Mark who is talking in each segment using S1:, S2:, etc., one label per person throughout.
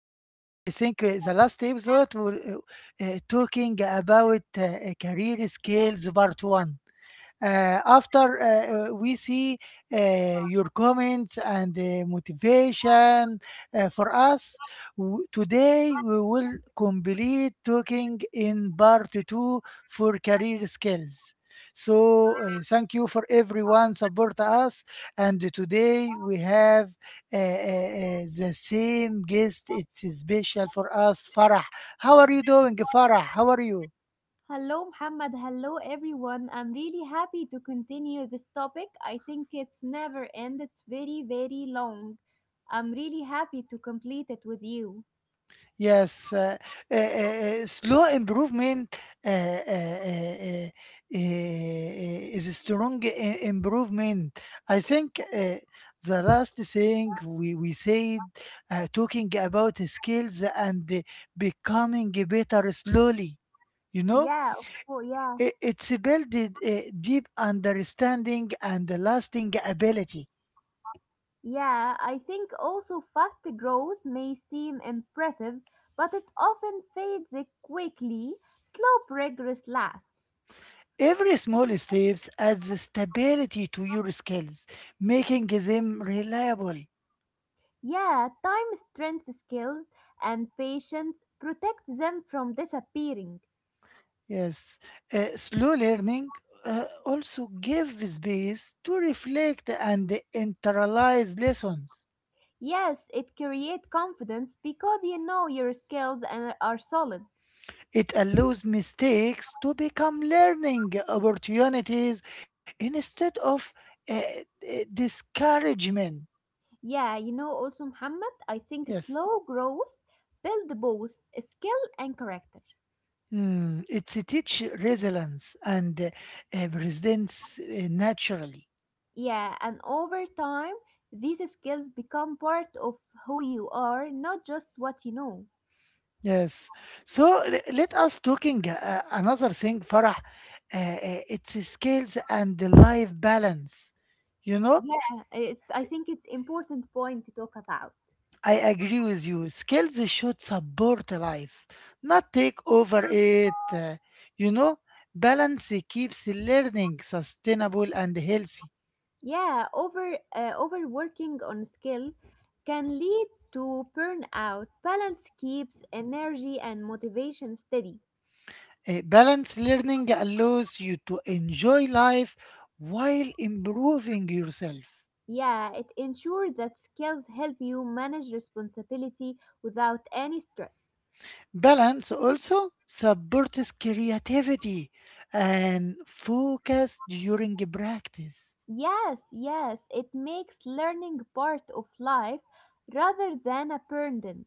S1: the last episode we were talking about career skills part 1 , after we see your comments and motivation for us. Today we will complete talking in part two for career skills. So, thank you for everyone support us. And today we have the same guest. It's special for us, Farah. How are you doing, Farah? How are you?
S2: Hello, Muhammad. Hello, everyone. I'm really happy to continue this topic. I think it's never end. It's very, very long. I'm really happy to complete it with you.
S1: Yes, slow improvement uh, uh, uh, uh, uh, is a strong improvement. I think the last thing we said, talking about skills and becoming better slowly. you know,
S2: Yeah, of course. Yeah,
S1: it, it's built a deep understanding and lasting ability.
S2: yeah. I think also fast growth may seem impressive, but it often fades quickly. Slow progress lasts.
S1: Every small steps adds stability to your skills, making them reliable.
S2: Yeah, time, strength, skills, and patience protect them from disappearing.
S1: Yes, slow learning also gives space to reflect and internalize lessons.
S2: Yes, it create confidence because you know your skills and are solid.
S1: It allows mistakes to become learning opportunities instead of discouragement.
S2: Yeah, you know also Muhammad, I think
S1: Yes.
S2: slow growth build both skill and character.
S1: It teaches resilience and presents naturally.
S2: Yeah, and over time these skills become part of who you are, not just what you know.
S1: Yes. So let us talking another thing, Farah. It's skills and the life balance. You know,
S2: Yeah, it's I think it's important point to talk about.
S1: I agree with you. Skills should support life, not take over it. You know, Balance keeps learning sustainable and healthy.
S2: Yeah, overworking on skill can lead to burnout. Balance keeps energy and motivation steady.
S1: Balanced learning allows you to enjoy life while improving yourself.
S2: Yeah, it ensures that skills help you manage responsibility without any stress.
S1: Balance also supports creativity and focus during practice.
S2: Yes, it makes learning part of life rather than a burden.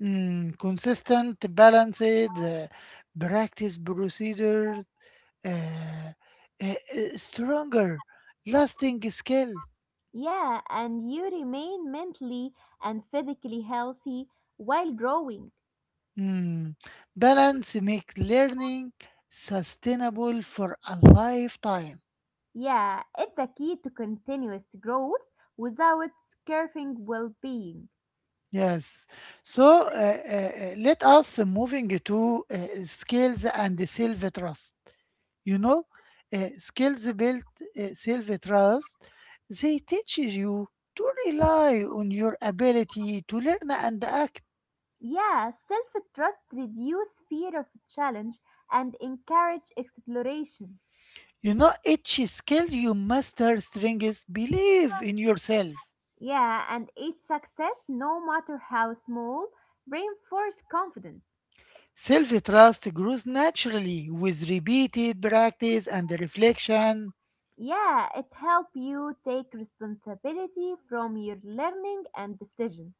S1: Consistent, balanced practice procedure, uh, stronger, lasting skill.
S2: Yeah, and you remain mentally and physically healthy while growing.
S1: Mm, Balance make learning sustainable for a lifetime.
S2: Yeah, it's the key to continuous growth without scaring well being.
S1: Yes. So let us moving to skills and self-trust. You know, Skills built self-trust. They teach you to rely on your ability to learn and act.
S2: Yeah, self trust reduce fear of challenge and encourage exploration.
S1: Each skill you master strengthens belief in yourself.
S2: Yeah, and each success, no matter how small, reinforce confidence.
S1: Self-trust grows naturally with repeated practice and reflection.
S2: Yeah, it help you take responsibility from your learning and decision.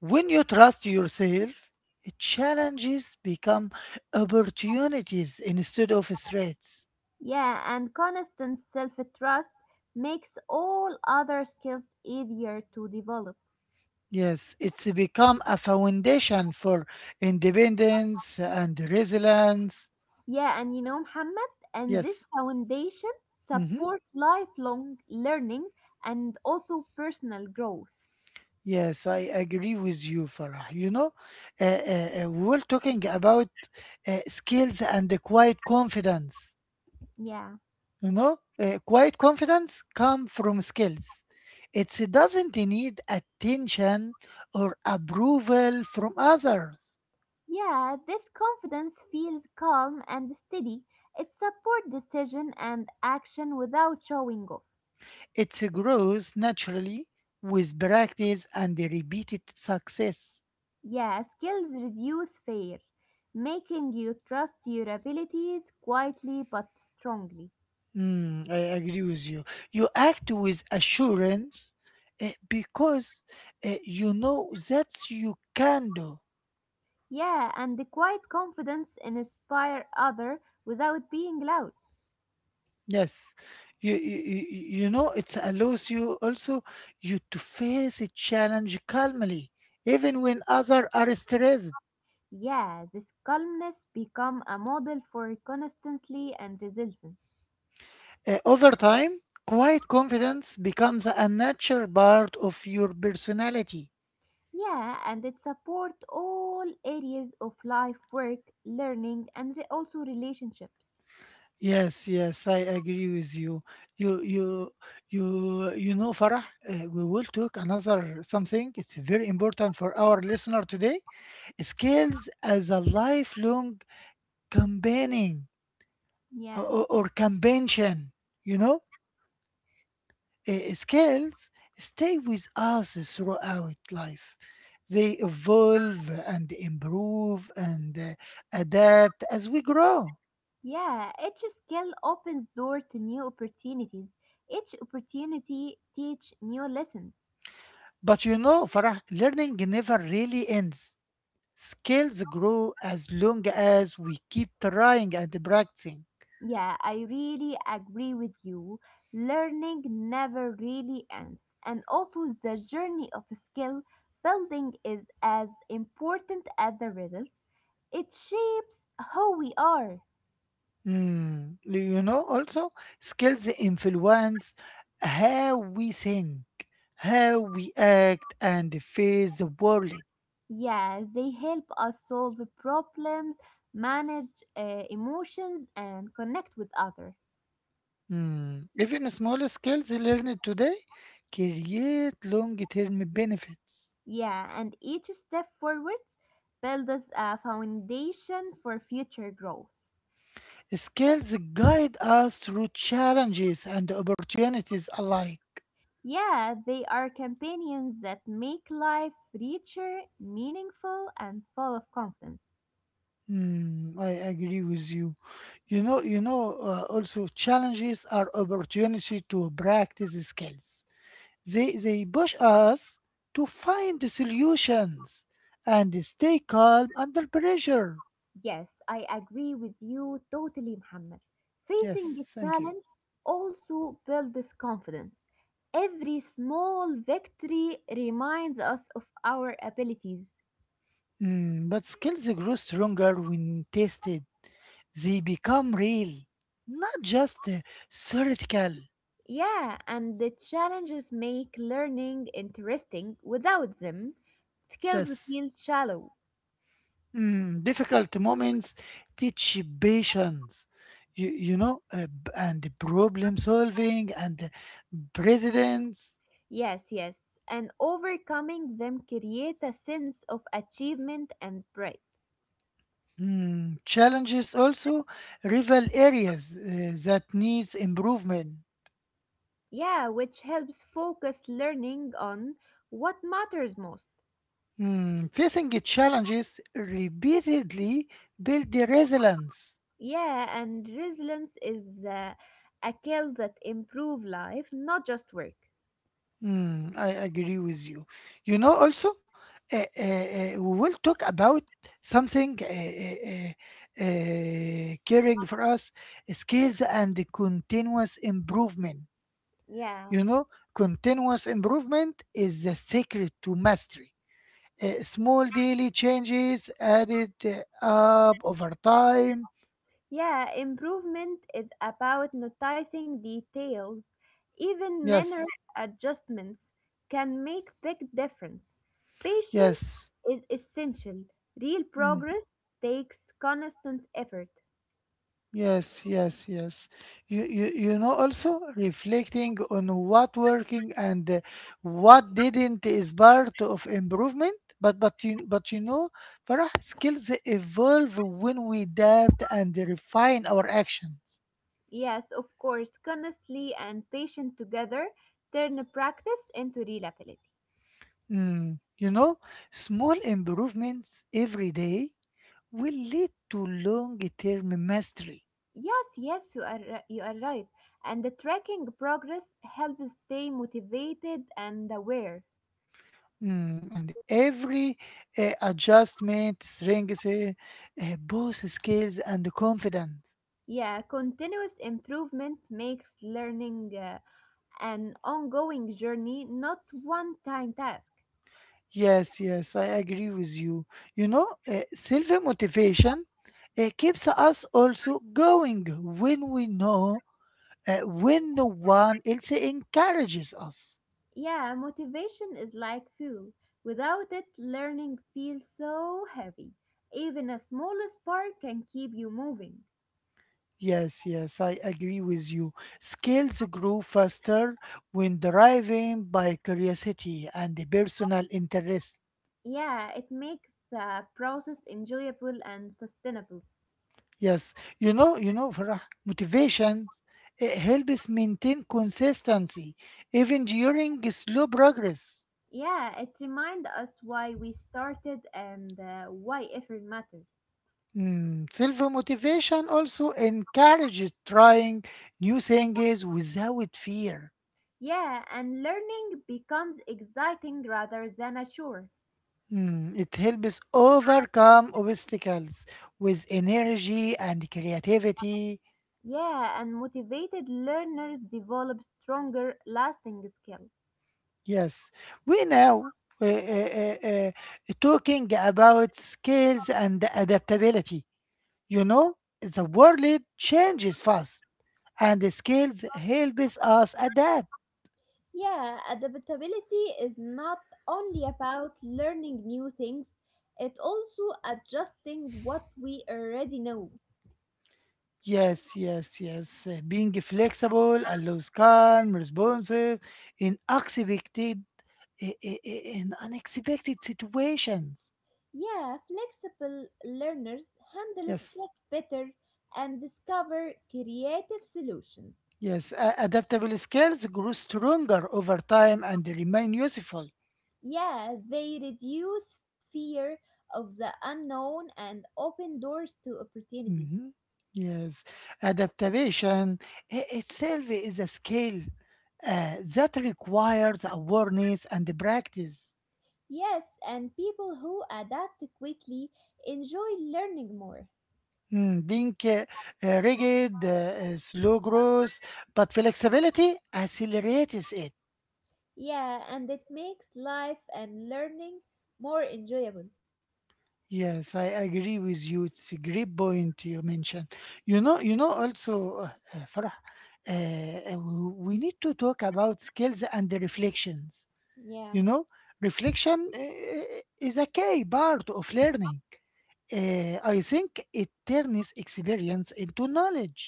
S1: When you trust yourself, challenges become opportunities instead of threats.
S2: Yeah, and constant self trust makes all other skills easier to develop.
S1: Yes, it's become a foundation for independence and resilience.
S2: Yeah, and you know, Muhammad, and this
S1: Yes.
S2: foundation
S1: Hmm.
S2: support lifelong learning and also personal growth.
S1: Yes, I agree with you, Farah. We're talking about skills and the quiet confidence.
S2: Yeah.
S1: Quiet confidence comes from skills. It doesn't need attention or approval from others.
S2: Yeah, this confidence feels calm and steady. It supports decision and action without showing off.
S1: It grows naturally with practice and repeated success.
S2: Yeah, skills reduce fear, making you trust your abilities quietly but strongly.
S1: I agree with you. You act with assurance because you know that you can do.
S2: Yeah, and the quiet confidence inspire other without being loud.
S1: Yes, you, you you it allows you also you to face a challenge calmly, even when others are stressed.
S2: Yeah, this calmness become a model for constancy and resilience.
S1: Over time, quiet confidence becomes a natural part of your personality.
S2: Yeah, and it support all areas of life, work, learning, and also relationships.
S1: Yes, yes, I agree with you. You you you you know, Farah, we will talk another something. It's very important for our listener today, skills as a lifelong companion.
S2: Yeah.
S1: Or convention, you know, skills stay with us throughout life. They evolve and improve and adapt as we grow.
S2: Yeah, each skill opens door to new opportunities. Each opportunity teach new lessons.
S1: But you know, Farah, learning never really ends. Skills grow as long as we keep trying and practicing.
S2: Yeah, I really agree with you. Learning never really ends, and also the journey of skill building is as important as the results. It shapes who we are.
S1: Also, skills influence how we think, how we act, and face the world.
S2: Yeah, they help us solve problems, manage emotions, and connect with others.
S1: Mm. Even small skills learned today create long-term benefits.
S2: Yeah, and each step forwards builds us a foundation for future growth.
S1: Skills guide us through challenges and opportunities alike.
S2: Yeah, they are companions that make life richer, meaningful, and full of confidence.
S1: I agree with you. You know, you know. Also, challenges are opportunity to practice skills. They push us to find the solutions and stay calm under pressure.
S2: Yes, I agree with you totally, Muhammad. Facing
S1: Yes,
S2: a
S1: thank you.
S2: challenge also builds confidence. Every small victory reminds us of our abilities.
S1: But skills grow stronger when tested. They become real, not just theoretical.
S2: Yeah, and the challenges make learning interesting. Without them, skills
S1: Yes.
S2: feel shallow.
S1: Difficult moments teach patience, and problem solving and precedence.
S2: Yes, yes. And overcoming them create a sense of achievement and pride.
S1: Challenges also reveal areas that needs improvement.
S2: Yeah, which helps focus learning on what matters most.
S1: Facing the challenges repeatedly build the resilience.
S2: Yeah, and resilience is a skill that improve life, not just work.
S1: I agree with you. Also, we will talk about something caring for us, skills and continuous improvement.
S2: Yeah.
S1: You know, Continuous improvement is the secret to mastery. Small daily changes added up over time.
S2: Yeah, improvement is about noticing details. Even minor
S1: Yes,
S2: adjustments can make big difference. Patience
S1: yes.
S2: is essential. Real
S1: Hmm.
S2: progress takes constant effort.
S1: Yes, yes, yes. Also reflecting on what working and what didn't is part of improvement. But you know, Farah, skills evolve when we adapt and refine our actions.
S2: Yes, of course, constantly and patient together turn practice into real ability.
S1: Mm, you know, Small improvements every day will lead to long-term mastery.
S2: Yes, yes, you are right. And the tracking progress helps stay motivated and aware.
S1: And every adjustment strengthens both skills and confidence.
S2: Yeah, continuous improvement makes learning an ongoing journey, not one time task.
S1: Yes, yes, I agree with you. Self motivation keeps us also going when we know, when no one else encourages us.
S2: Yeah, motivation is like fuel. Without it, learning feels so heavy. Even a small spark can keep you moving.
S1: Yes, yes, I agree with you. Skills grow faster when driven by curiosity and personal interest.
S2: Yeah, it makes the process enjoyable and sustainable.
S1: Yes, Farah, motivation, it helps maintain consistency even during slow progress.
S2: Yeah, it reminds us why we started and why effort matters.
S1: Self-motivation also encourages trying new things without fear.
S2: Yeah, and learning becomes exciting rather than a chore.
S1: It helps overcome obstacles with energy and creativity.
S2: Yeah, and motivated learners develop stronger, lasting skills.
S1: Yes, we now uh, uh, uh, uh, talking about skills and adaptability. You know, the world changes fast, and the skills help us adapt.
S2: Yeah, adaptability is not only about learning new things, it also adjusting what we already know.
S1: Yes, yes, yes. Being flexible allows calm, responsive, in unexpected, I- in unexpected situations.
S2: Yeah, flexible learners handle
S1: Yes,
S2: stress better and discover creative solutions.
S1: yes. Adaptable skills grow stronger over time and remain useful.
S2: Yeah, they reduce fear of the unknown and open doors to opportunities.
S1: Mhm. Yes, adaptation itself is a skill that requires awareness and practice.
S2: Yes, and people who adapt quickly enjoy learning more.
S1: Being rigid, slow growth, but flexibility accelerates it.
S2: Yeah, and it makes life and learning more enjoyable.
S1: Yes, I agree with you. It's a great point you mentioned. Also, uh, Farah, uh, uh, we we need to talk about skills and the reflections.
S2: Yeah.
S1: You know, Reflection is a key part of learning. I think it turns experience into knowledge.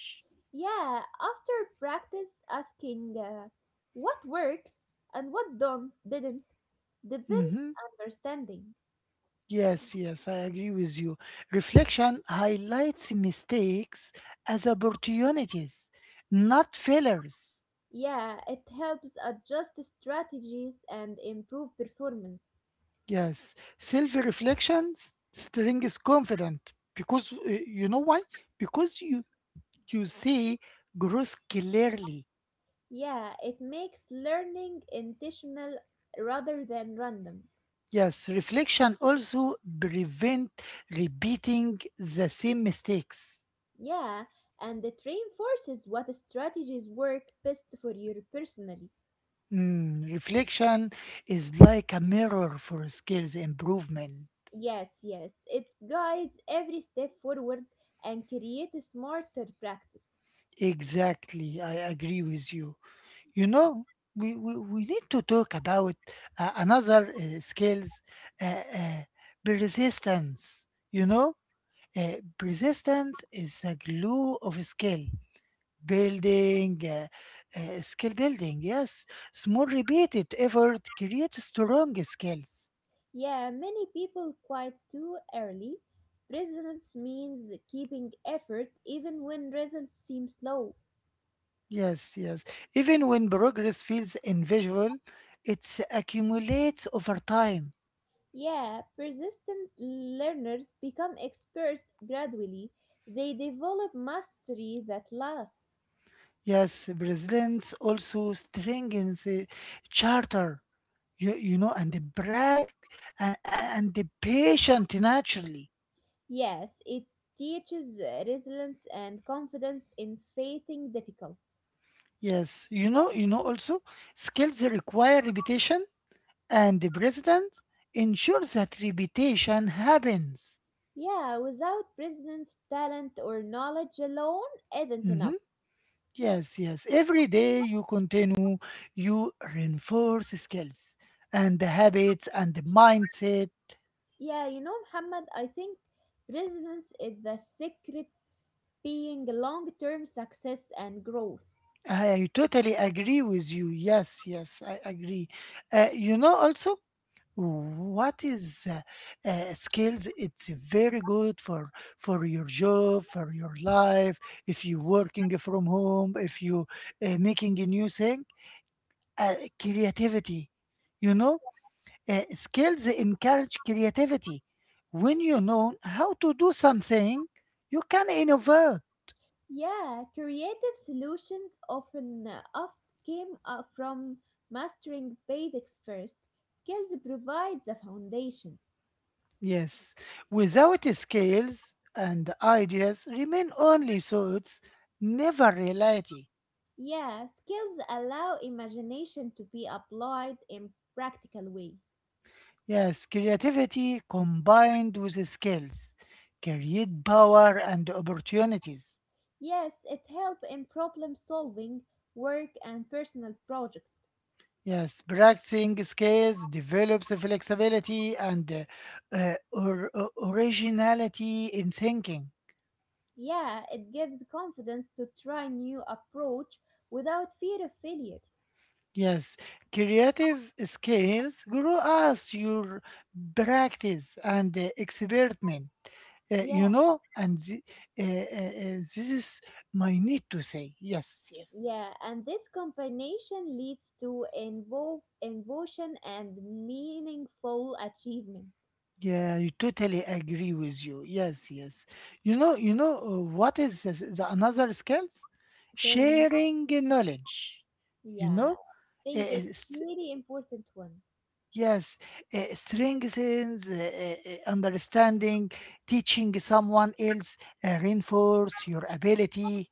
S2: Yeah, after practice asking what worked and what don't didn't depends
S1: Mhm.
S2: understanding.
S1: Yes, yes, I agree with you. Reflection highlights mistakes as opportunities, not failures.
S2: Yeah, it helps adjust strategies and improve performance.
S1: Yes, self reflection strengthens confidence because you know why? Because you see growth clearly.
S2: Yeah, it makes learning intentional rather than random.
S1: Yes, reflection also prevent repeating the same mistakes.
S2: Yeah, and it reinforces what strategies work best for you personally.
S1: Reflection is like a mirror for skills improvement.
S2: Yes, it guides every step forward and creates a smarter practice.
S1: Exactly, I agree with you. You know, we need to talk about another skills, uh, uh, persistence. You know, Persistence is the glue of skill. Building, uh, skill building, yes. Small repeated effort creates strong skills.
S2: Yeah, many people quit too early. Presence means keeping effort even when results seem slow.
S1: Yes, yes. Even when progress feels invisible, it accumulates over time.
S2: Yeah, persistent learners become experts gradually. They develop mastery that lasts.
S1: Yes, resilience also strengthens the charter, and the brag and the patient naturally.
S2: Yes, it teaches resilience and confidence in facing difficulties.
S1: Yes, also skills require repetition and the president ensures that repetition happens.
S2: Yeah, without presence, talent, or knowledge alone isn't
S1: Mhm.
S2: enough.
S1: Yes, yes. Every day you continue, you reinforce skills and the habits and the mindset.
S2: Yeah, you know, Muhammad, I think presence is the secret being long term success and growth.
S1: I totally agree with you. Yes, yes, I agree. Also, what is skills? It's very good for your job, for your life. If you're working from home, if you making a new thing uh, creativity. You know, Skills encourage creativity. When you know how to do something, you can innovate.
S2: Yeah, creative solutions often oft came from mastering basics first. Skills provide the foundation.
S1: Yes, without skills and ideas, remain only thoughts, never reality.
S2: Yeah, skills allow imagination to be applied in practical way.
S1: Yes, creativity combined with skills create power and opportunities.
S2: Yes, it helps in problem solving, work and personal project.
S1: Yes, practicing skills develops flexibility and originality in thinking.
S2: Yeah, it gives confidence to try new approach without fear of failure.
S1: Yes, creative skills grow as your practice and experiment.
S2: Yeah,
S1: And this is my need to say. Yes,
S2: yeah, and this combination leads to involve invocation and meaningful achievement.
S1: yeah, you totally agree with you. Yes, yes. What is this, the another skills?
S2: Tell me,
S1: Sharing knowledge.
S2: yeah,
S1: You
S2: I
S1: know,
S2: think
S1: Eh,
S2: it's
S1: s-
S2: really important one.
S1: yes, strengthens understanding. Teaching someone else reinforce your ability.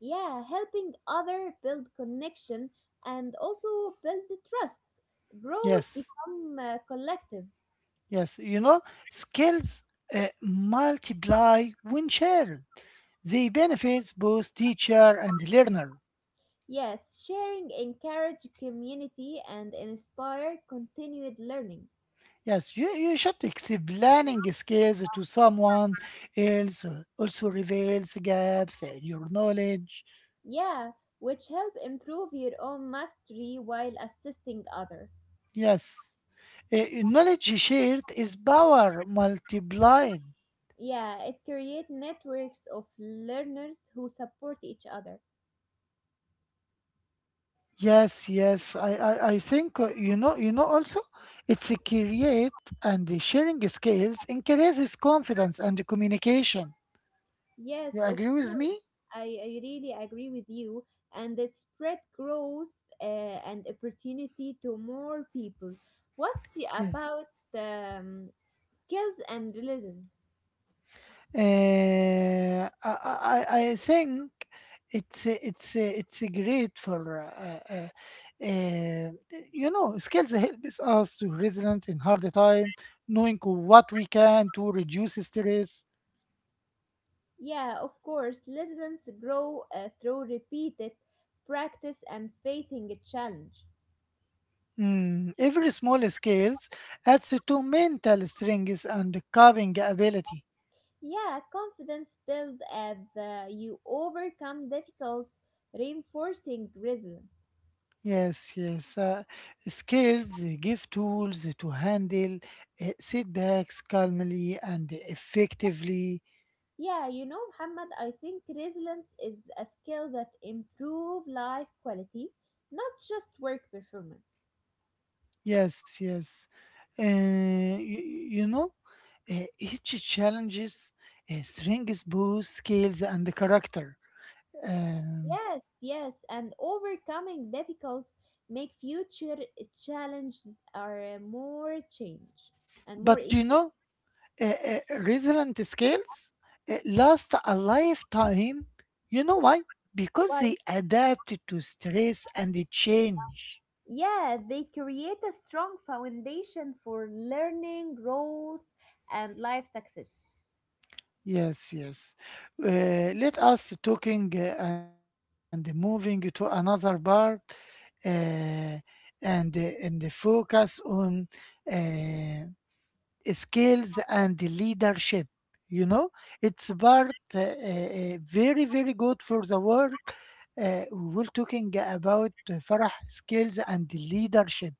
S2: Yeah, helping other build connection and also build the trust growth
S1: Yes,
S2: become collective.
S1: yes. Skills multiply when shared. They benefits both teacher and learner.
S2: Yes, sharing encourage community and inspire continued learning.
S1: Yes, you should explaining skills to someone else also reveals gaps in your knowledge.
S2: Yeah, which help improve your own mastery while assisting other.
S1: Yes, knowledge shared is power multiplied.
S2: Yeah, it create networks of learners who support each other.
S1: Yes, yes, I think also it's a create and the sharing skills increases confidence and communication. You
S2: Yes, of
S1: agree with
S2: course.
S1: me?
S2: I really agree with you, and it spread growth uh, and opportunity to more people. What's
S1: Yes.
S2: about um, skills and resilience?
S1: Uh, I think it's great for uh, skills helps us to resilient in hard time, knowing what we can to reduce stress.
S2: Yeah, of course, resilience grow through repeated practice and facing a challenge.
S1: Every small skills adds to mental strength and coping ability.
S2: Yeah, confidence build as you overcome difficulties, reinforcing resilience.
S1: Yes, yes. Skills give tools to handle setbacks calmly and effectively.
S2: Yeah, you know, Muhammad, I think resilience is a skill that improve life quality, not just work performance.
S1: Yes, yes. Uh, you, you know, each challenges strengths, both skills and character. Um,
S2: Yes, yes, and overcoming difficulties make future challenges are more change and more
S1: but
S2: easy.
S1: resilient skills last a lifetime. You know why? Because
S2: Why?
S1: they adapt to stress and the change.
S2: Yeah, they create a strong foundation for learning, growth, and life success.
S1: Yes, yes. Let us talking and moving to another part, uh, and uh, and the focus on uh, skills and the leadership. You know, it's part very very good for the work. We will talking about, Farah, skills and leadership.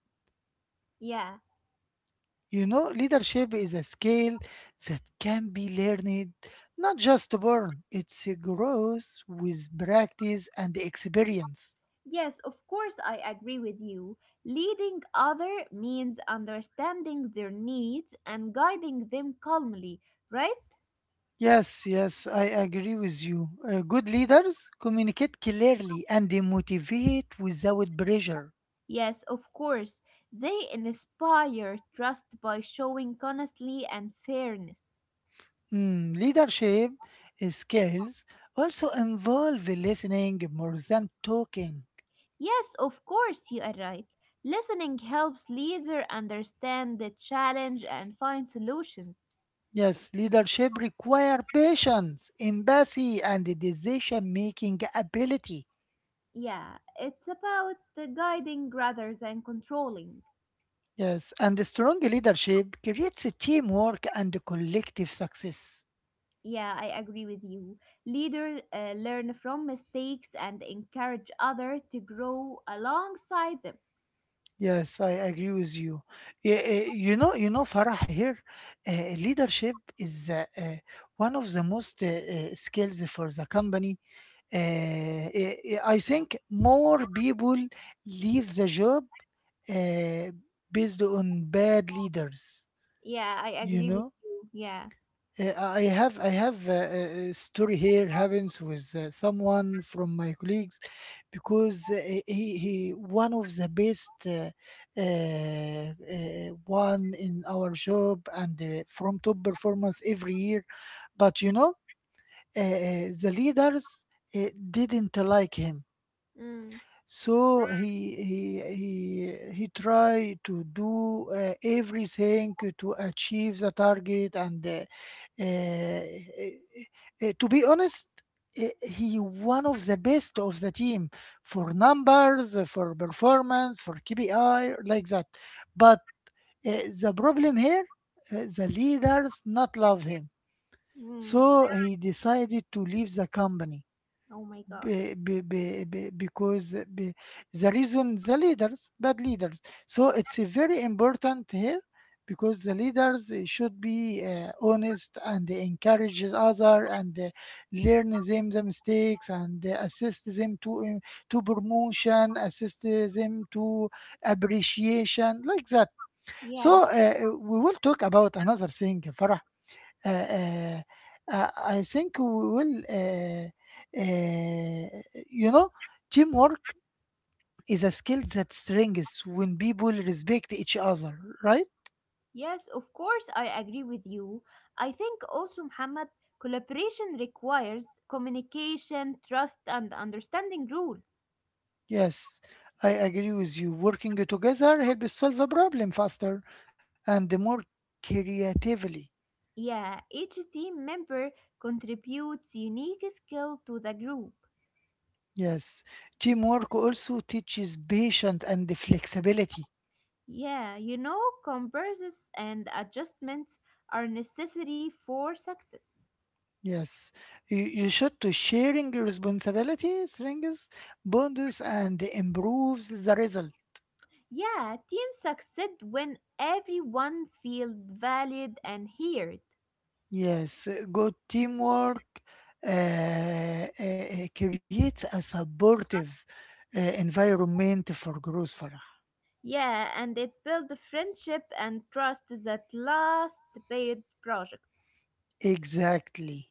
S2: Yeah.
S1: Leadership is a skill that can be learned, not just born. It grows with practice and experience.
S2: Yes, of course, I agree with you. Leading other means understanding their needs and guiding them calmly, right?
S1: Yes, yes, I agree with you. Good leaders communicate clearly and they motivate without pressure.
S2: Yes, of course. They inspire trust by showing honesty and fairness.
S1: Leadership skills also involve listening more than talking.
S2: Yes, of course, you are right. Listening helps leader understand the challenge and find solutions.
S1: Yes, leadership requires patience, empathy, and decision-making ability.
S2: Yeah, it's about guiding rather than controlling.
S1: Yes, and strong leadership creates a teamwork and a collective success.
S2: Yeah, I agree with you. Leaders learn from mistakes and encourage others to grow alongside them.
S1: Yes, I agree with you. You know, Farah, here, uh, leadership is one of the most skills for the company. I think more people leave the job uh, based on bad leaders.
S2: Yeah, I
S1: You
S2: agree with
S1: know.
S2: you. Yeah.
S1: I have a story here happens with someone from my colleagues because he one of the best uh, one in our job and from top performance every year, but you know the leaders uh, didn't like him.
S2: Mm.
S1: So he try to do everything to achieve the target and to be honest, he one of the best of the team for numbers, for performance, for kpi like that. But the problem here, the leaders not love him,
S2: Mm.
S1: so he decided to leave the company,
S2: Oh my God.
S1: because the reason the leaders bad leaders. So it's a very important here because the leaders should be honest and encourage other and learn them the mistakes and assist them to to promotion, assist them to appreciation like that.
S2: Yeah.
S1: So we will talk about another thing, Farah. uh, uh, I think we will, uh, you know, teamwork is a skill that strengthens when people respect each other, right?
S2: Yes, of course, I agree with you. I think also, Muhammad, collaboration requires communication, trust, and understanding rules.
S1: Yes, I agree with you. Working together helps solve a problem faster and more creatively.
S2: Yeah, each team member contributes unique skill to the group.
S1: Yes, teamwork also teaches patience and flexibility.
S2: Yeah, you know, comparisons and adjustments are necessary for success.
S1: Yes, you should to sharing your responsibilities, rings, bonds and improves the result.
S2: Yeah, teams succeed when everyone feels valued and heard.
S1: Yes, good teamwork creates a supportive environment for growth, Farah.
S2: Yeah, and it builds friendship and trust that last paid projects.
S1: Exactly.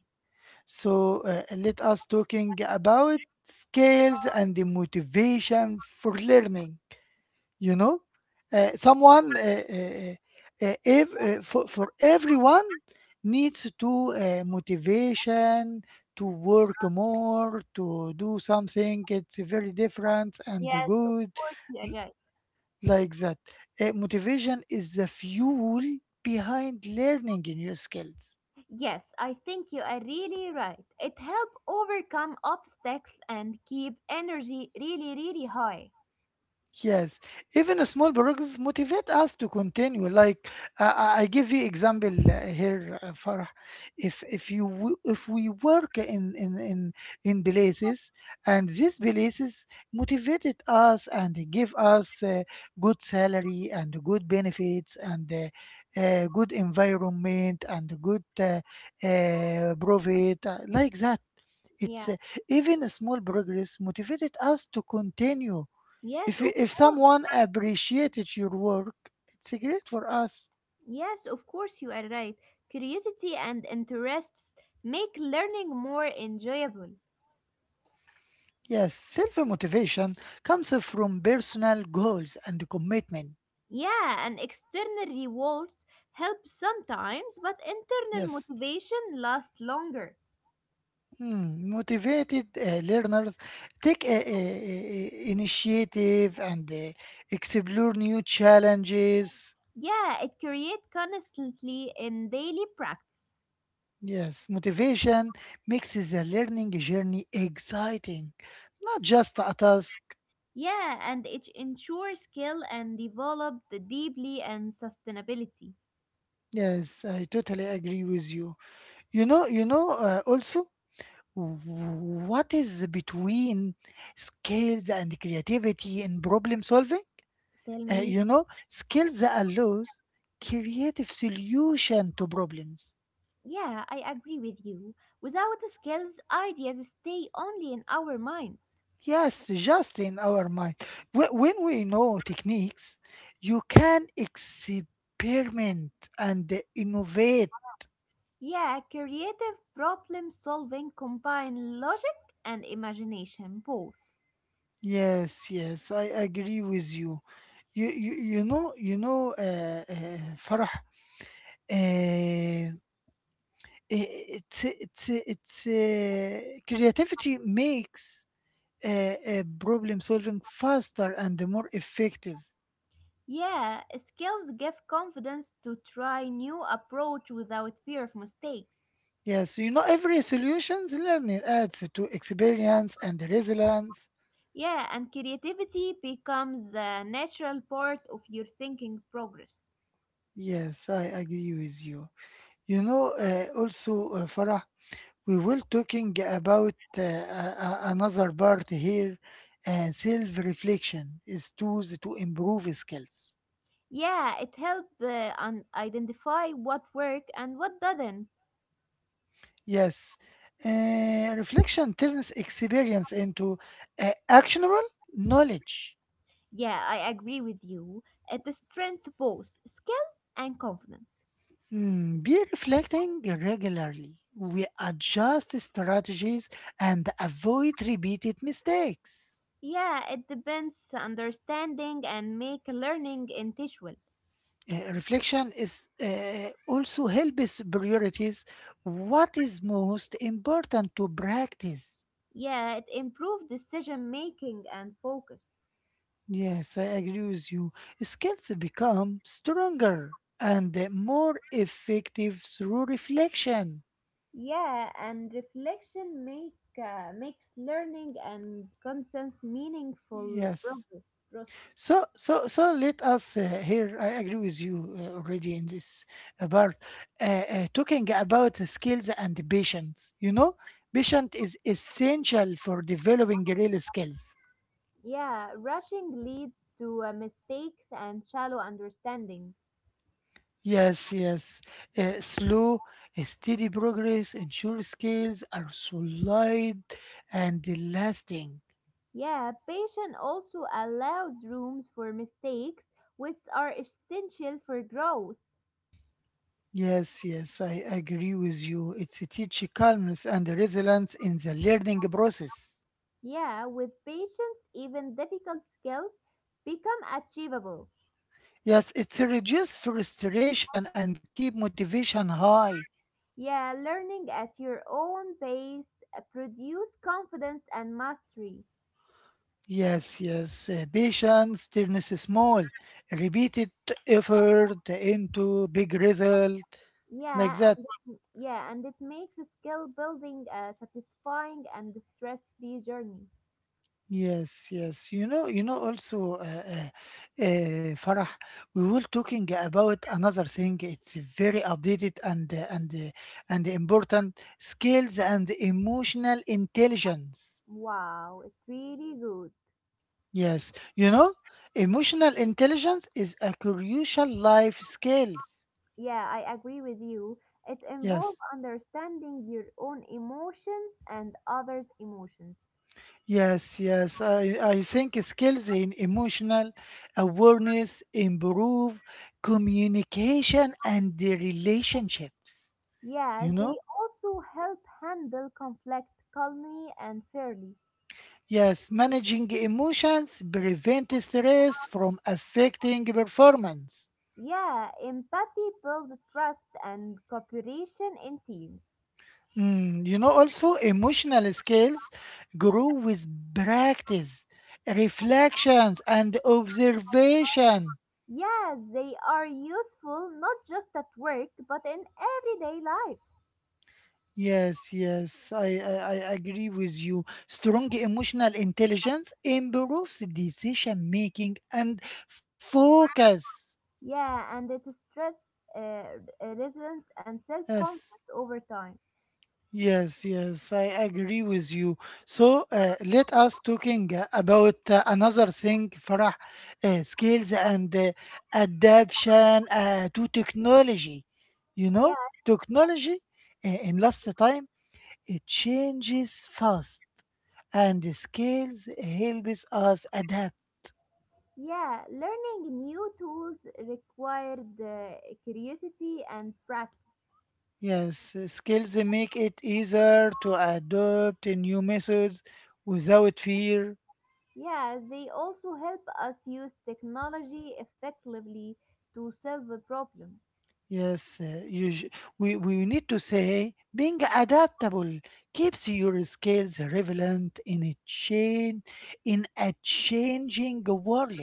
S1: So let us talking about skills and the motivation for learning. You know, someone if, for everyone needs to motivation to work more to do something, it's very different and
S2: Yes, of
S1: good,
S2: course you are
S1: l-
S2: right.
S1: like that. Motivation is the fuel behind learning new skills.
S2: Yes, I think you are really right. It helps overcome obstacles and keep energy really, really high.
S1: Yes, even a small progress motivate us to continue. Like I give you example here, Farah. If if we work in in in places, and these places motivated us and they give us good salary and good benefits and good environment and good profit like that.
S2: Yeah.
S1: It's even a small progress motivated us to continue.
S2: Yes,
S1: If
S2: of
S1: if
S2: course.
S1: someone appreciated your work, it's great for us.
S2: Yes, of course, you are right. Curiosity and interests make learning more enjoyable.
S1: Yes, self motivation comes from personal goals and commitment.
S2: Yeah, and external rewards help sometimes, but internal
S1: Yes.
S2: motivation lasts longer.
S1: Hmm, motivated learners take initiative and explore new challenges.
S2: Yeah, it creates constantly in daily practice.
S1: Yes, motivation makes the learning journey exciting, not just a task.
S2: Yeah, and it ensures skill and developed deeply and sustainability.
S1: Yes, I totally agree with you. You know, also, what is between skills and creativity in problem solving?
S2: Tell me,
S1: You know, skills allows creative solution to problems.
S2: yeah, I agree with you. Without the skills, ideas stay only in our minds.
S1: Yes, just in our mind. When we know techniques, you can experiment and innovate.
S2: Yeah, creative problem solving combine logic and imagination both.
S1: Yes, yes, I agree with you. You know, Farah, uh, it's creativity makes uh, problem solving faster and more effective.
S2: Yeah, skills give confidence to try new approach without fear of mistakes.
S1: Yes, you know every solutions learning adds to experience and resilience.
S2: Yeah, and creativity becomes a natural part of your thinking progress.
S1: Yes, I agree with you. You know, also, Farah, we will talking about another part here. Self reflection is tools to improve skills.
S2: Yeah, it helps identify what work and what doesn't.
S1: Yes. Reflection turns experience into actionable knowledge.
S2: Yeah, I agree with you. It strengthens both skill and confidence.
S1: Mm, be reflecting regularly. We adjust strategies and avoid repeated mistakes.
S2: Yeah, it depends understanding and make learning intentional.
S1: Reflection is also helps priorities what is most important to practice.
S2: Yeah, it improve decision making and focus.
S1: Yes, I agree with you. Skills become stronger and more effective through reflection.
S2: Yeah, and reflection makes learning and conscience meaningful
S1: Yes.
S2: progress process.
S1: So let us here. I agree with you already in this part. Talking about the skills and the patience. You know, patient is essential for developing real skills.
S2: Yeah, rushing leads to mistakes and shallow understanding.
S1: Yes, yes. Slow, steady progress ensures skills are solid and lasting.
S2: Yeah, patience also allows rooms for mistakes, which are essential for growth.
S1: Yes, yes, I agree with you. It's a teach calmness and resilience in the learning process.
S2: Yeah, with patience, even difficult skills become achievable.
S1: Yes, it's reduce frustration and keep motivation high.
S2: Yeah, learning at your own pace produce confidence and mastery.
S1: Yes, yes, patience turns small, repeated effort into big result, like
S2: Yeah,
S1: that.
S2: and- yeah, and it makes skill building a satisfying and stress-free journey.
S1: Yes, yes. You know, also, Farah, we were talking about another thing. It's very updated and and important skills and emotional intelligence.
S2: Wow, it's really good.
S1: Yes, you know, emotional intelligence is a crucial life skills.
S2: Yeah, I agree with you. It involves
S1: Yes.
S2: understanding your own emotions and others' emotions.
S1: Yes, yes. I think skills in emotional awareness improve communication and the relationships.
S2: Yes,
S1: You
S2: they
S1: know?
S2: also help handle conflict calmly and fairly.
S1: Yes, managing emotions prevent stress from affecting performance.
S2: Yeah, empathy builds trust and cooperation in teams.
S1: Mm, you know, also emotional skills grow with practice, reflections, and observation.
S2: Yes, they are useful not just at work but in everyday life.
S1: Yes, yes, I agree with you. Strong emotional intelligence improves decision making and focus.
S2: Yeah, and it stress uh, resilience and
S1: Yes.
S2: self-confidence over time.
S1: Yes, yes, I agree with you. So let us talking about another thing, Farah, skills and adaptation to technology. You
S2: Yeah,
S1: know, technology in last time, it changes fast, and the skills helps us adapt.
S2: yeah, learning new tools required curiosity and practice.
S1: Yes, skills make it easier to adopt new methods without fear.
S2: Yeah, they also help us use technology effectively to solve a problem.
S1: Yes, we need to say being adaptable keeps your skills relevant in a chain in a changing world.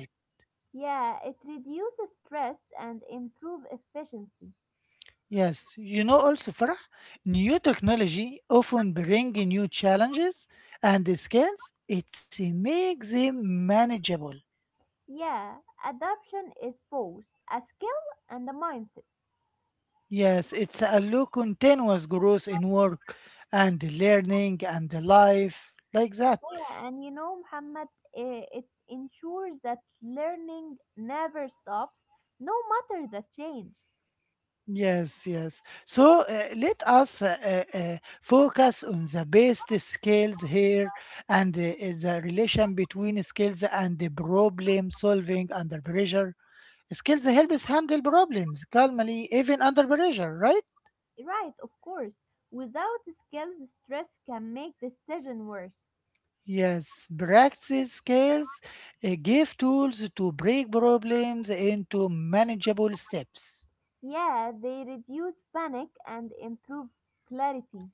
S2: Yeah, it reduces stress and improve efficiency.
S1: Yes, you know also Farah, new technology often bring new challenges and the skills it makes them manageable.
S2: Yeah, adoption is both a skill and a mindset.
S1: Yes, it's a low continuous growth in work and learning and life like that.
S2: Yeah, and you know, Muhammad, it ensures that learning never stops, no matter the change.
S1: Yes, yes. So let us focus on the best skills here and the relation between skills and the problem solving under pressure. Skills help us handle problems calmly, even under pressure, right?
S2: Right, of course. Without skills, stress can make decision worse.
S1: Yes, practice skills give tools to break problems into manageable steps.
S2: Yeah, they reduce panic and improve clarity.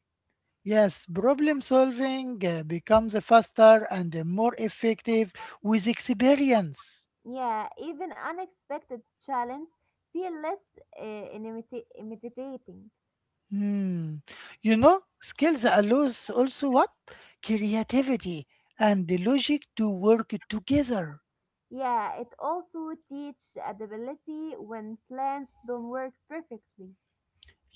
S1: Yes, problem solving becomes faster and more effective with experience.
S2: Yeah, even unexpected challenge feel less intimidating.
S1: Hmm. You know, skills allows also what? Creativity and the logic to work together.
S2: Yeah, it also teach adaptability when plans don't work perfectly.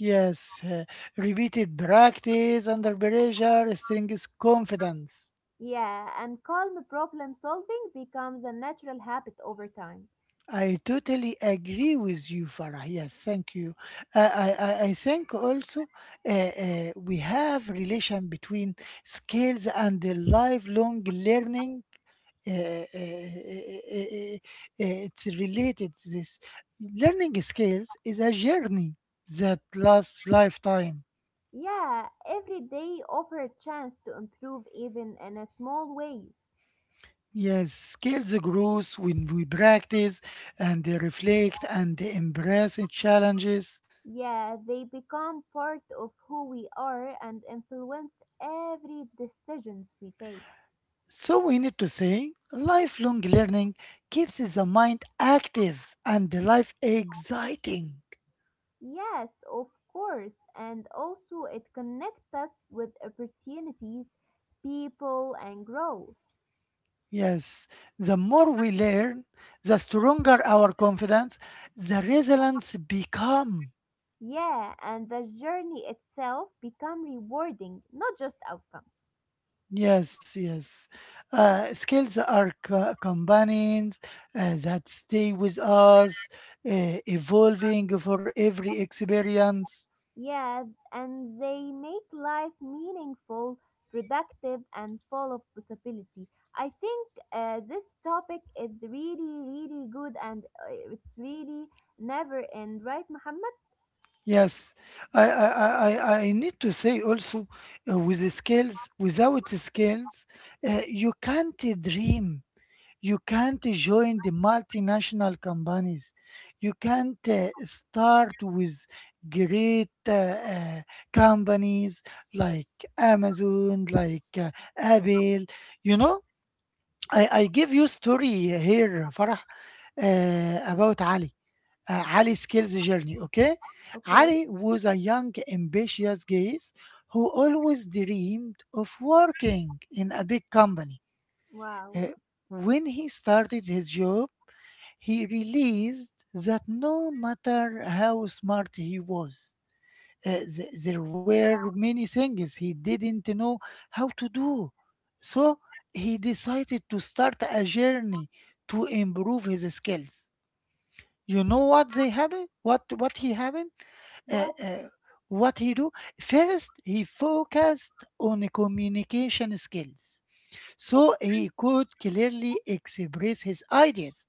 S1: Yes, repeated practice under pressure strengthens confidence.
S2: Yeah, and calm problem solving becomes a natural habit over time.
S1: I totally agree with you, Farah. Yes, thank you. I think also we have relation between skills and the lifelong learning. It's related to this. Learning skills is a journey that lasts lifetime.
S2: Yeah, every day offer a chance to improve even in a small ways.
S1: Yes, skills grows when we practice and reflect and embrace challenges.
S2: Yeah, they become part of who we are and influence every decisions we take.
S1: So we need to say lifelong learning keeps the mind active and the life exciting.
S2: Yes, of course. And also it connects us with opportunities, people and growth.
S1: Yes, the more we learn, the stronger our confidence, the resilience become.
S2: Yeah, and the journey itself become rewarding, not just outcomes.
S1: Yes, yes. Skills are companions that stay with us, evolving for every experience.
S2: Yeah, and they make life meaningful, productive, and full of possibility. I think this topic is really, really good and it's really never end, right, Muhammad?
S1: Yes, I need to say also with the skills, without the skills, you can't dream. You can't join the multinational companies. You can't start with great companies like Amazon, like Apple. You know, I give you story here, Farah, about Ali, Ali skills journey. Okay,
S2: Okay,
S1: Ali was a young, ambitious guy who always dreamed of working in a big company.
S2: wow.
S1: Uh, when he started his job, he realized that no matter how smart he was, there were many things he didn't know how to do. So he decided to start a journey to improve his skills. You know what they have? What he have? uh,
S2: What?
S1: uh, what he do, first he focused on communication skills so he could clearly express his ideas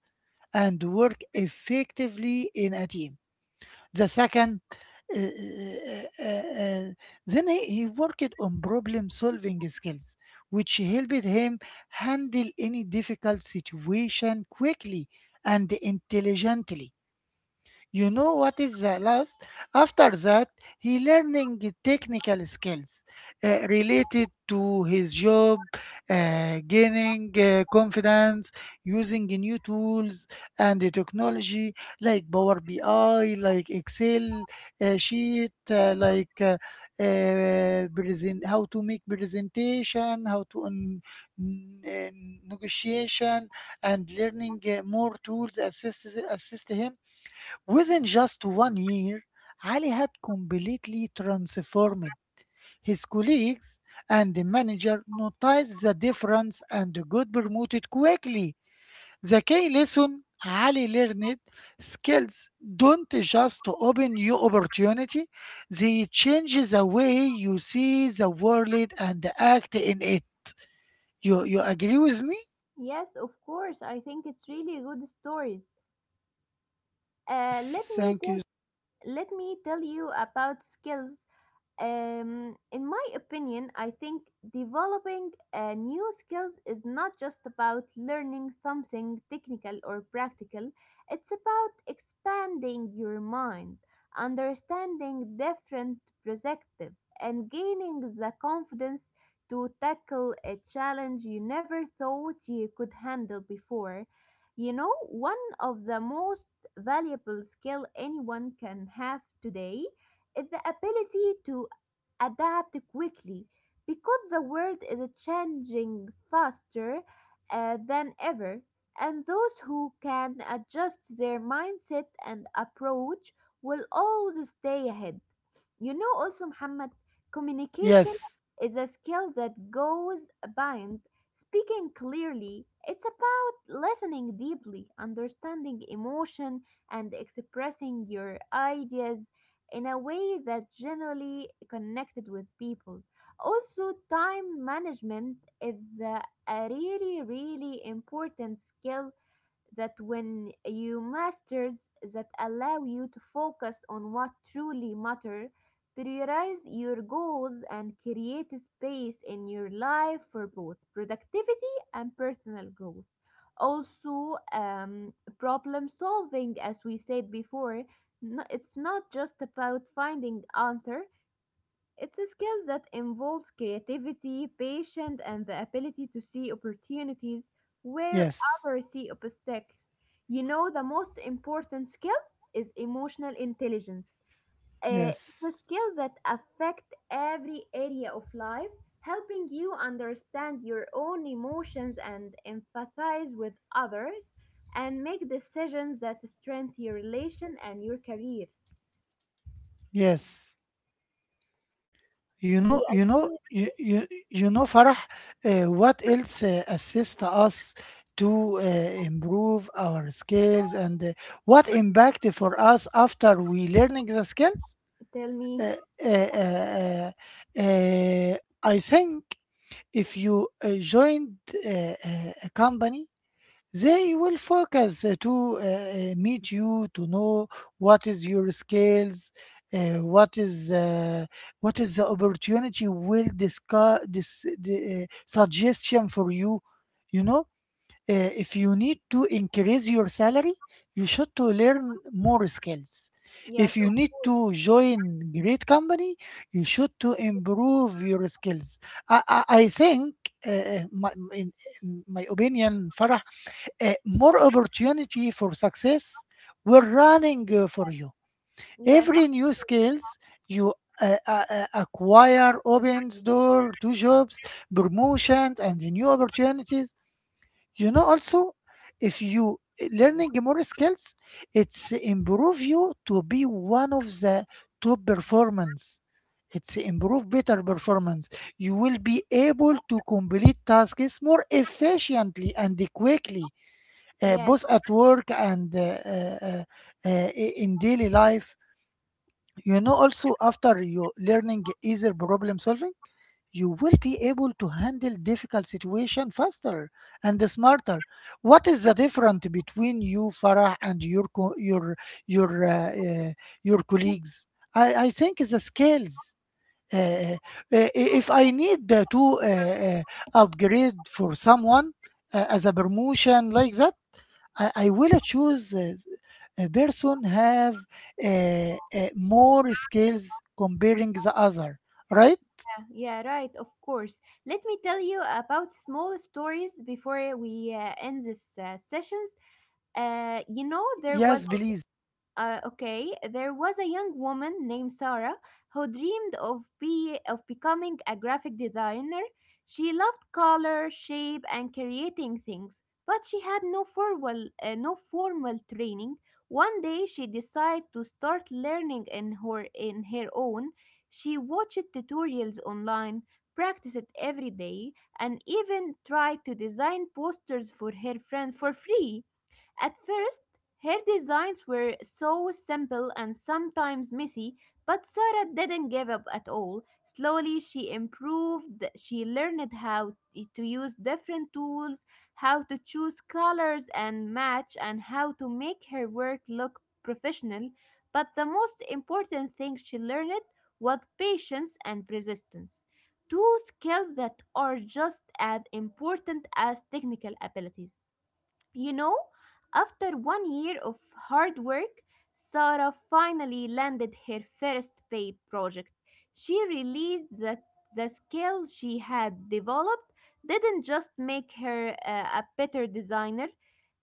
S1: and work effectively in a team. The second, uh, uh, uh, uh, uh, then he worked on problem solving skills, which helped him handle any difficult situation quickly and intelligently. You know what is the last? After that, he learning technical skills related to his job, gaining confidence, using new tools and the technology like Power BI, like Excel sheet, present, how to make presentation, how to n- uh, negotiation, and learning more tools assist, assist him. Within just one year, Ali had completely transformed. His colleagues and the manager noticed the difference and got promoted quickly. The key lesson Ali learned, skills don't just open new opportunity, they change the way you see the world and act in it. You agree with me?
S2: Yes, of course. I think it's really good stories.
S1: Yes,
S2: Uh, let me
S1: thank
S2: tell
S1: you.
S2: let me tell you about skills. In my opinion, I think developing new skills is not just about learning something technical or practical, it's about expanding your mind, understanding different perspectives, and gaining the confidence to tackle a challenge you never thought you could handle before. You know, one of the most valuable skill anyone can have today is the ability to adapt quickly because the world is changing faster than ever, and those who can adjust their mindset and approach will always stay ahead. You know also Muhammad, communication
S1: Yes,
S2: is a skill that goes beyond speaking clearly. It's about listening deeply, understanding emotion and expressing your ideas in a way that generally connected with people. Also time management is a really really important skill that when you masters that allow you to focus on what truly matter, prioritize your goals and create a space in your life for both productivity and personal growth. Also, problem solving, as we said before, no, it's not just about finding answer, it's a skill that involves creativity, patience, and the ability to see opportunities where
S1: yes,
S2: others see obstacles. You know, the most important skill is emotional intelligence. It's a
S1: yes,
S2: skill that affects every area of life, helping you understand your own emotions and empathize with others and make decisions that strengthen your relation and your career.
S1: yes. You
S2: Do
S1: know,
S2: you
S1: you know,
S2: agree?
S1: you, you, you know, Farah, what else assists us to improve our skills and what impact for us after we learning the skills?
S2: Tell me.
S1: Uh, uh, uh, uh, uh, I think if you joined a company, they will focus to meet you to know what is your skills, uh, what is uh, what is the opportunity will discuss this the, suggestion for you. You know, if you need to increase your salary, you should to learn more skills.
S2: Yes,
S1: If
S2: of
S1: you need
S2: course.
S1: to join great company, you should to improve your skills. I think uh, uh, my in, in my opinion, Farah, more opportunity for success were running for you.
S2: Yes.
S1: Every new skills you acquire opens door to jobs, promotions, and new opportunities. You know, also if you learning more skills, it's improve you to be one of the top performance. It's improve better performance. You will be able to complete tasks more efficiently and quickly,
S2: Yes,
S1: both at work and uh, uh, uh, in daily life. You know, also after you learning easier problem solving, you will be able to handle difficult situation faster and smarter. What is the difference between you, Farah, and your your uh, uh, your colleagues? I think is the skills. Uh, uh, if I need to upgrade for someone as a promotion like that, I will choose a person have uh, uh, more skills comparing the other, right?
S2: yeah, yeah, right, of course. Let me tell you about small stories before we end this sessions. You know, there
S1: Yes,
S2: was
S1: please.
S2: Okay, there was a young woman named Sarah who dreamed of be of becoming a graphic designer. She loved color, shape, and creating things, but she had no formal training. One day, she decided to start learning in her own. She watched tutorials online, practiced it every day, and even tried to design posters for her friend for free. At first, her designs were so simple and sometimes messy, but Sarah didn't give up at all. Slowly, she improved. She learned how to use different tools, how to choose colors and match, and how to make her work look professional. But the most important thing she learned was patience and persistence. Two skills that are just as important as technical abilities. You know, after 1 year of hard work, Sarah finally landed her first paid project. She realized that the skill she had developed didn't just make her a better designer,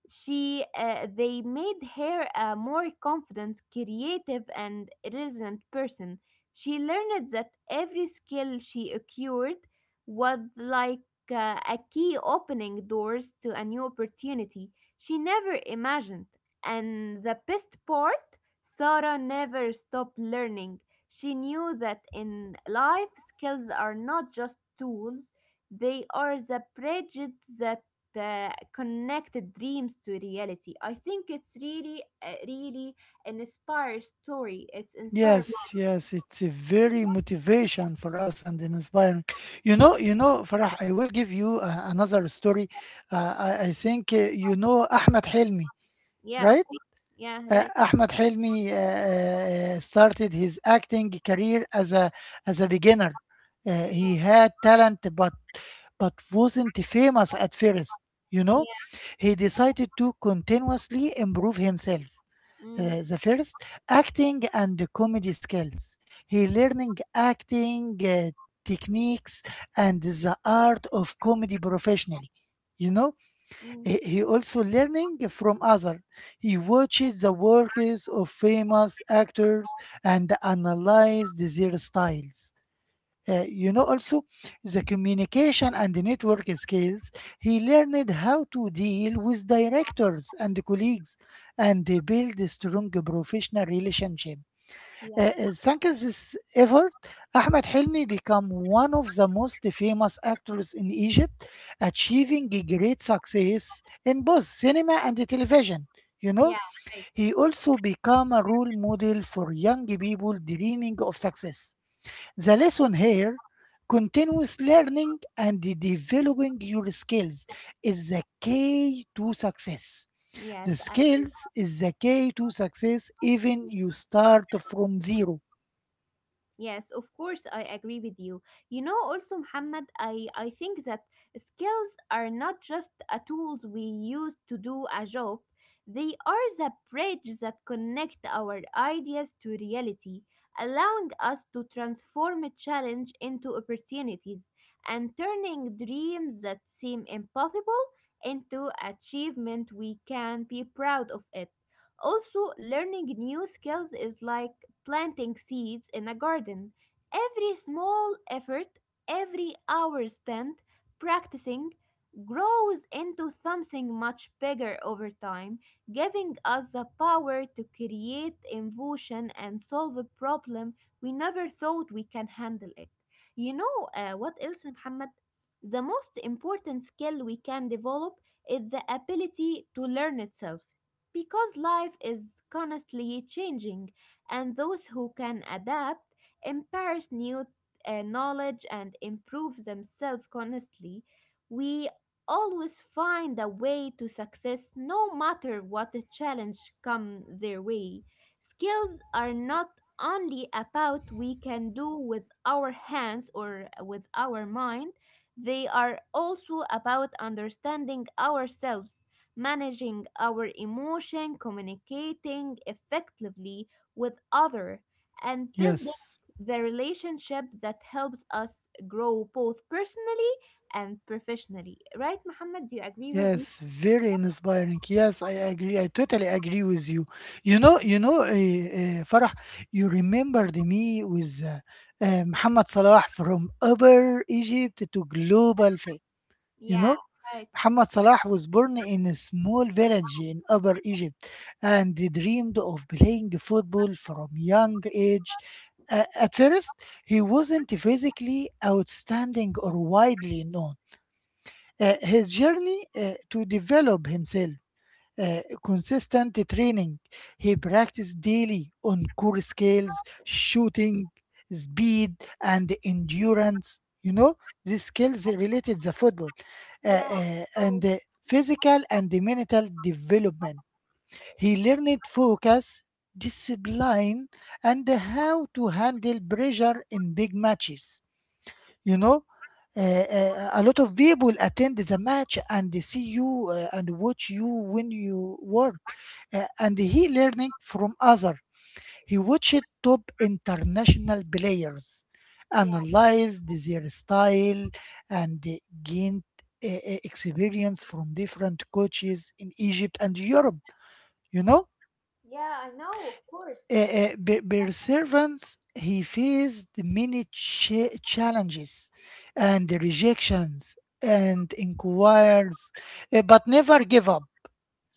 S2: they made her a more confident, creative, and resilient person. She learned that every skill she acquired was like a key opening doors to a new opportunity she never imagined. And the best part, Sarah never stopped learning. She knew that in life, skills are not just tools, they are the bridges that connected dreams to reality. I think it's really, really an inspired story. It's inspired.
S1: Yes, yes, it's a very motivation for us and inspiring. You know, Farah, I will give you another story. I think you know Ahmed Helmi,
S2: Yeah, of
S1: right?
S2: course. Yeah, right.
S1: Ahmed Helmi started his acting career as a beginner.
S2: Yeah,
S1: He had talent, but wasn't famous at first. You know,
S2: yeah.
S1: he decided to continuously improve himself.
S2: Mm,
S1: The first acting and comedy skills. He learning acting techniques and the art of comedy professionally. You know,
S2: mm.
S1: he also learning from others. He watches the works of famous actors and analyzes their styles. You know also the communication and the network skills, he learned how to deal with directors and colleagues and they build a strong professional relationship.
S2: Yeah,
S1: Thanks to this effort, Ahmed Helmi became one of the most famous actors in Egypt, achieving a great success in both cinema and television. You
S2: yeah,
S1: know,
S2: right.
S1: he also became a role model for young people dreaming of success. The lesson here, continuous learning and developing your skills is the key to success.
S2: Yes,
S1: The
S2: I
S1: skills is
S2: do.
S1: the key to success, even you start from zero.
S2: Yes, of course, I agree with you. You know, also, Muhammad, I think that skills are not just a tools we use to do a job. They are the bridge that connect our ideas to reality, allowing us to transform a challenge into opportunities and turning dreams that seem impossible into achievement we can be proud of it. Also, learning new skills is like planting seeds in a garden. Every small effort, every hour spent practicing, grows into something much bigger over time, giving us the power to create innovation and solve a problem we never thought we can handle it. You know what else, Muhammad? The most important skill we can develop is the ability to learn itself. Because life is constantly changing, and those who can adapt embrace new knowledge and improve themselves constantly. We always find a way to success no matter what the challenge come their way. Skills are not only about we can do with our hands or with our mind, they are also about understanding ourselves, managing our emotion, communicating effectively with other, and building
S1: Yes.
S2: the relationship that helps us grow both personally and professionally. Right, Muhammad? Do you agree with me?
S1: Yes, very inspiring. Yes, I agree. I totally agree with you. You know, Farah, you remembered me with Muhammad Salah from Upper Egypt to global fame. You
S2: Yeah,
S1: know,
S2: right.
S1: Muhammad Salah was born in a small village in Upper Egypt and he dreamed of playing football from young age. At first, he wasn't physically outstanding or widely known. His journey to develop himself, consistent training. He practiced daily on core skills, shooting, speed, and endurance. You know, these skills related to football
S2: Yeah, oh,
S1: and physical and mental development. He learned focus, discipline, and how to handle pressure in big matches. You know, a lot of people attend the match and they see you and watch you when you work. And he learning from other, he watched top international players,
S2: yeah,
S1: analyzed their style and they gained experience from different coaches in Egypt and Europe. You know,
S2: yeah. I know, of course.
S1: perseverance, he faced many challenges and rejections and inquiries, but never gave up.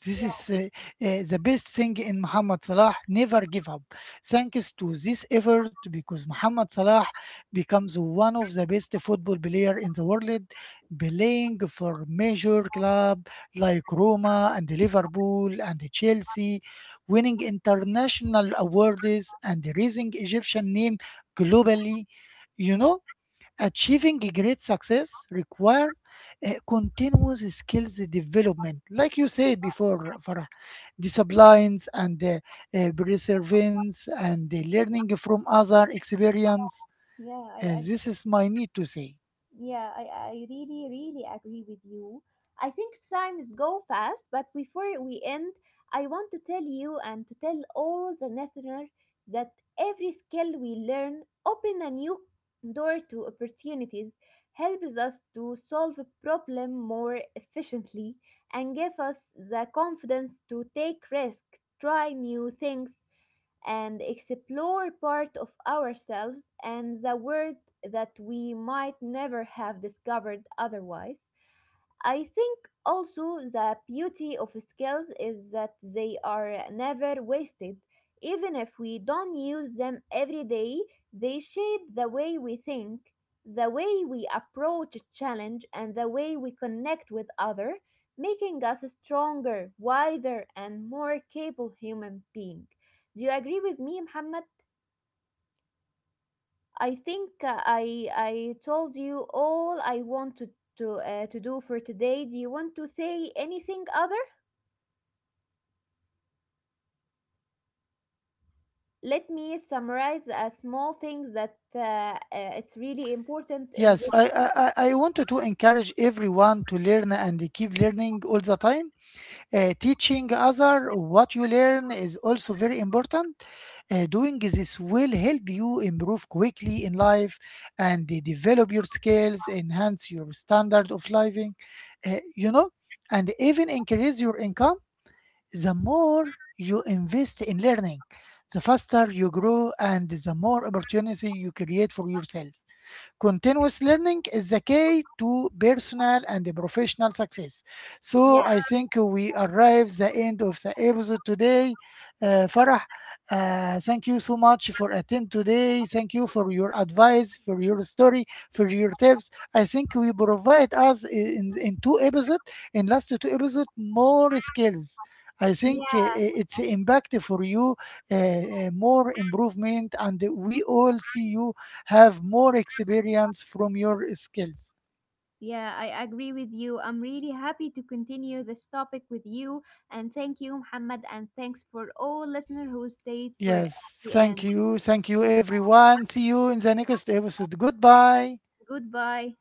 S1: This
S2: Yeah,
S1: is the best thing in Mohamed Salah. Never give up. Thanks to this effort, because Mohamed Salah becomes one of the best football player in the world, playing for major club like Roma and Liverpool and Chelsea, winning international awards and raising Egyptian name globally. You know, achieving great success requires continuous skills development, like you said before, for disciplines and perseverance and learning from other experience.
S2: yeah. I.
S1: This is my need to say.
S2: Yeah, I really, really agree with you. I think times go fast, but before we end, I want to tell you and to tell all the listeners that every skill we learn open a new door to opportunities, helps us to solve a problem more efficiently, and give us the confidence to take risk, try new things, and explore part of ourselves and the world that we might never have discovered otherwise. I think also the beauty of skills is that they are never wasted. Even if we don't use them every day, they shape the way we think, the way we approach a challenge, and the way we connect with others, making us stronger, wiser, and more capable human being. Do you agree with me, Muhammad? I think I told you all I want to to do for today. Do you want to say anything other? Let me summarize a small things that it's really important in this.
S1: Yes, I wanted to encourage everyone to learn and keep learning all the time. Teaching other what you learn is also very important. Doing this will help you improve quickly in life and develop your skills, enhance your standard of living, you know, and even increase your income. The more you invest in learning, the faster you grow and the more opportunity you create for yourself. Continuous learning is the key to personal and professional success.
S2: Yeah,
S1: So I think we arrive the end of the episode today. Farah, thank you so much for attend today. Thank you for your advice, for your story, for your tips. I think we provide us in two episodes, in last two episodes, more skills. I think
S2: yeah,
S1: it's impact for you, more improvement, and we all see you have more experience from your skills.
S2: yeah. I agree with you. I'm really happy to continue this topic with you, and thank you, Muhammad, and thanks for all listeners who stayed for
S1: Yes,
S2: the
S1: thank
S2: end.
S1: you. Thank you, everyone. See you in the next episode. Goodbye.
S2: Goodbye.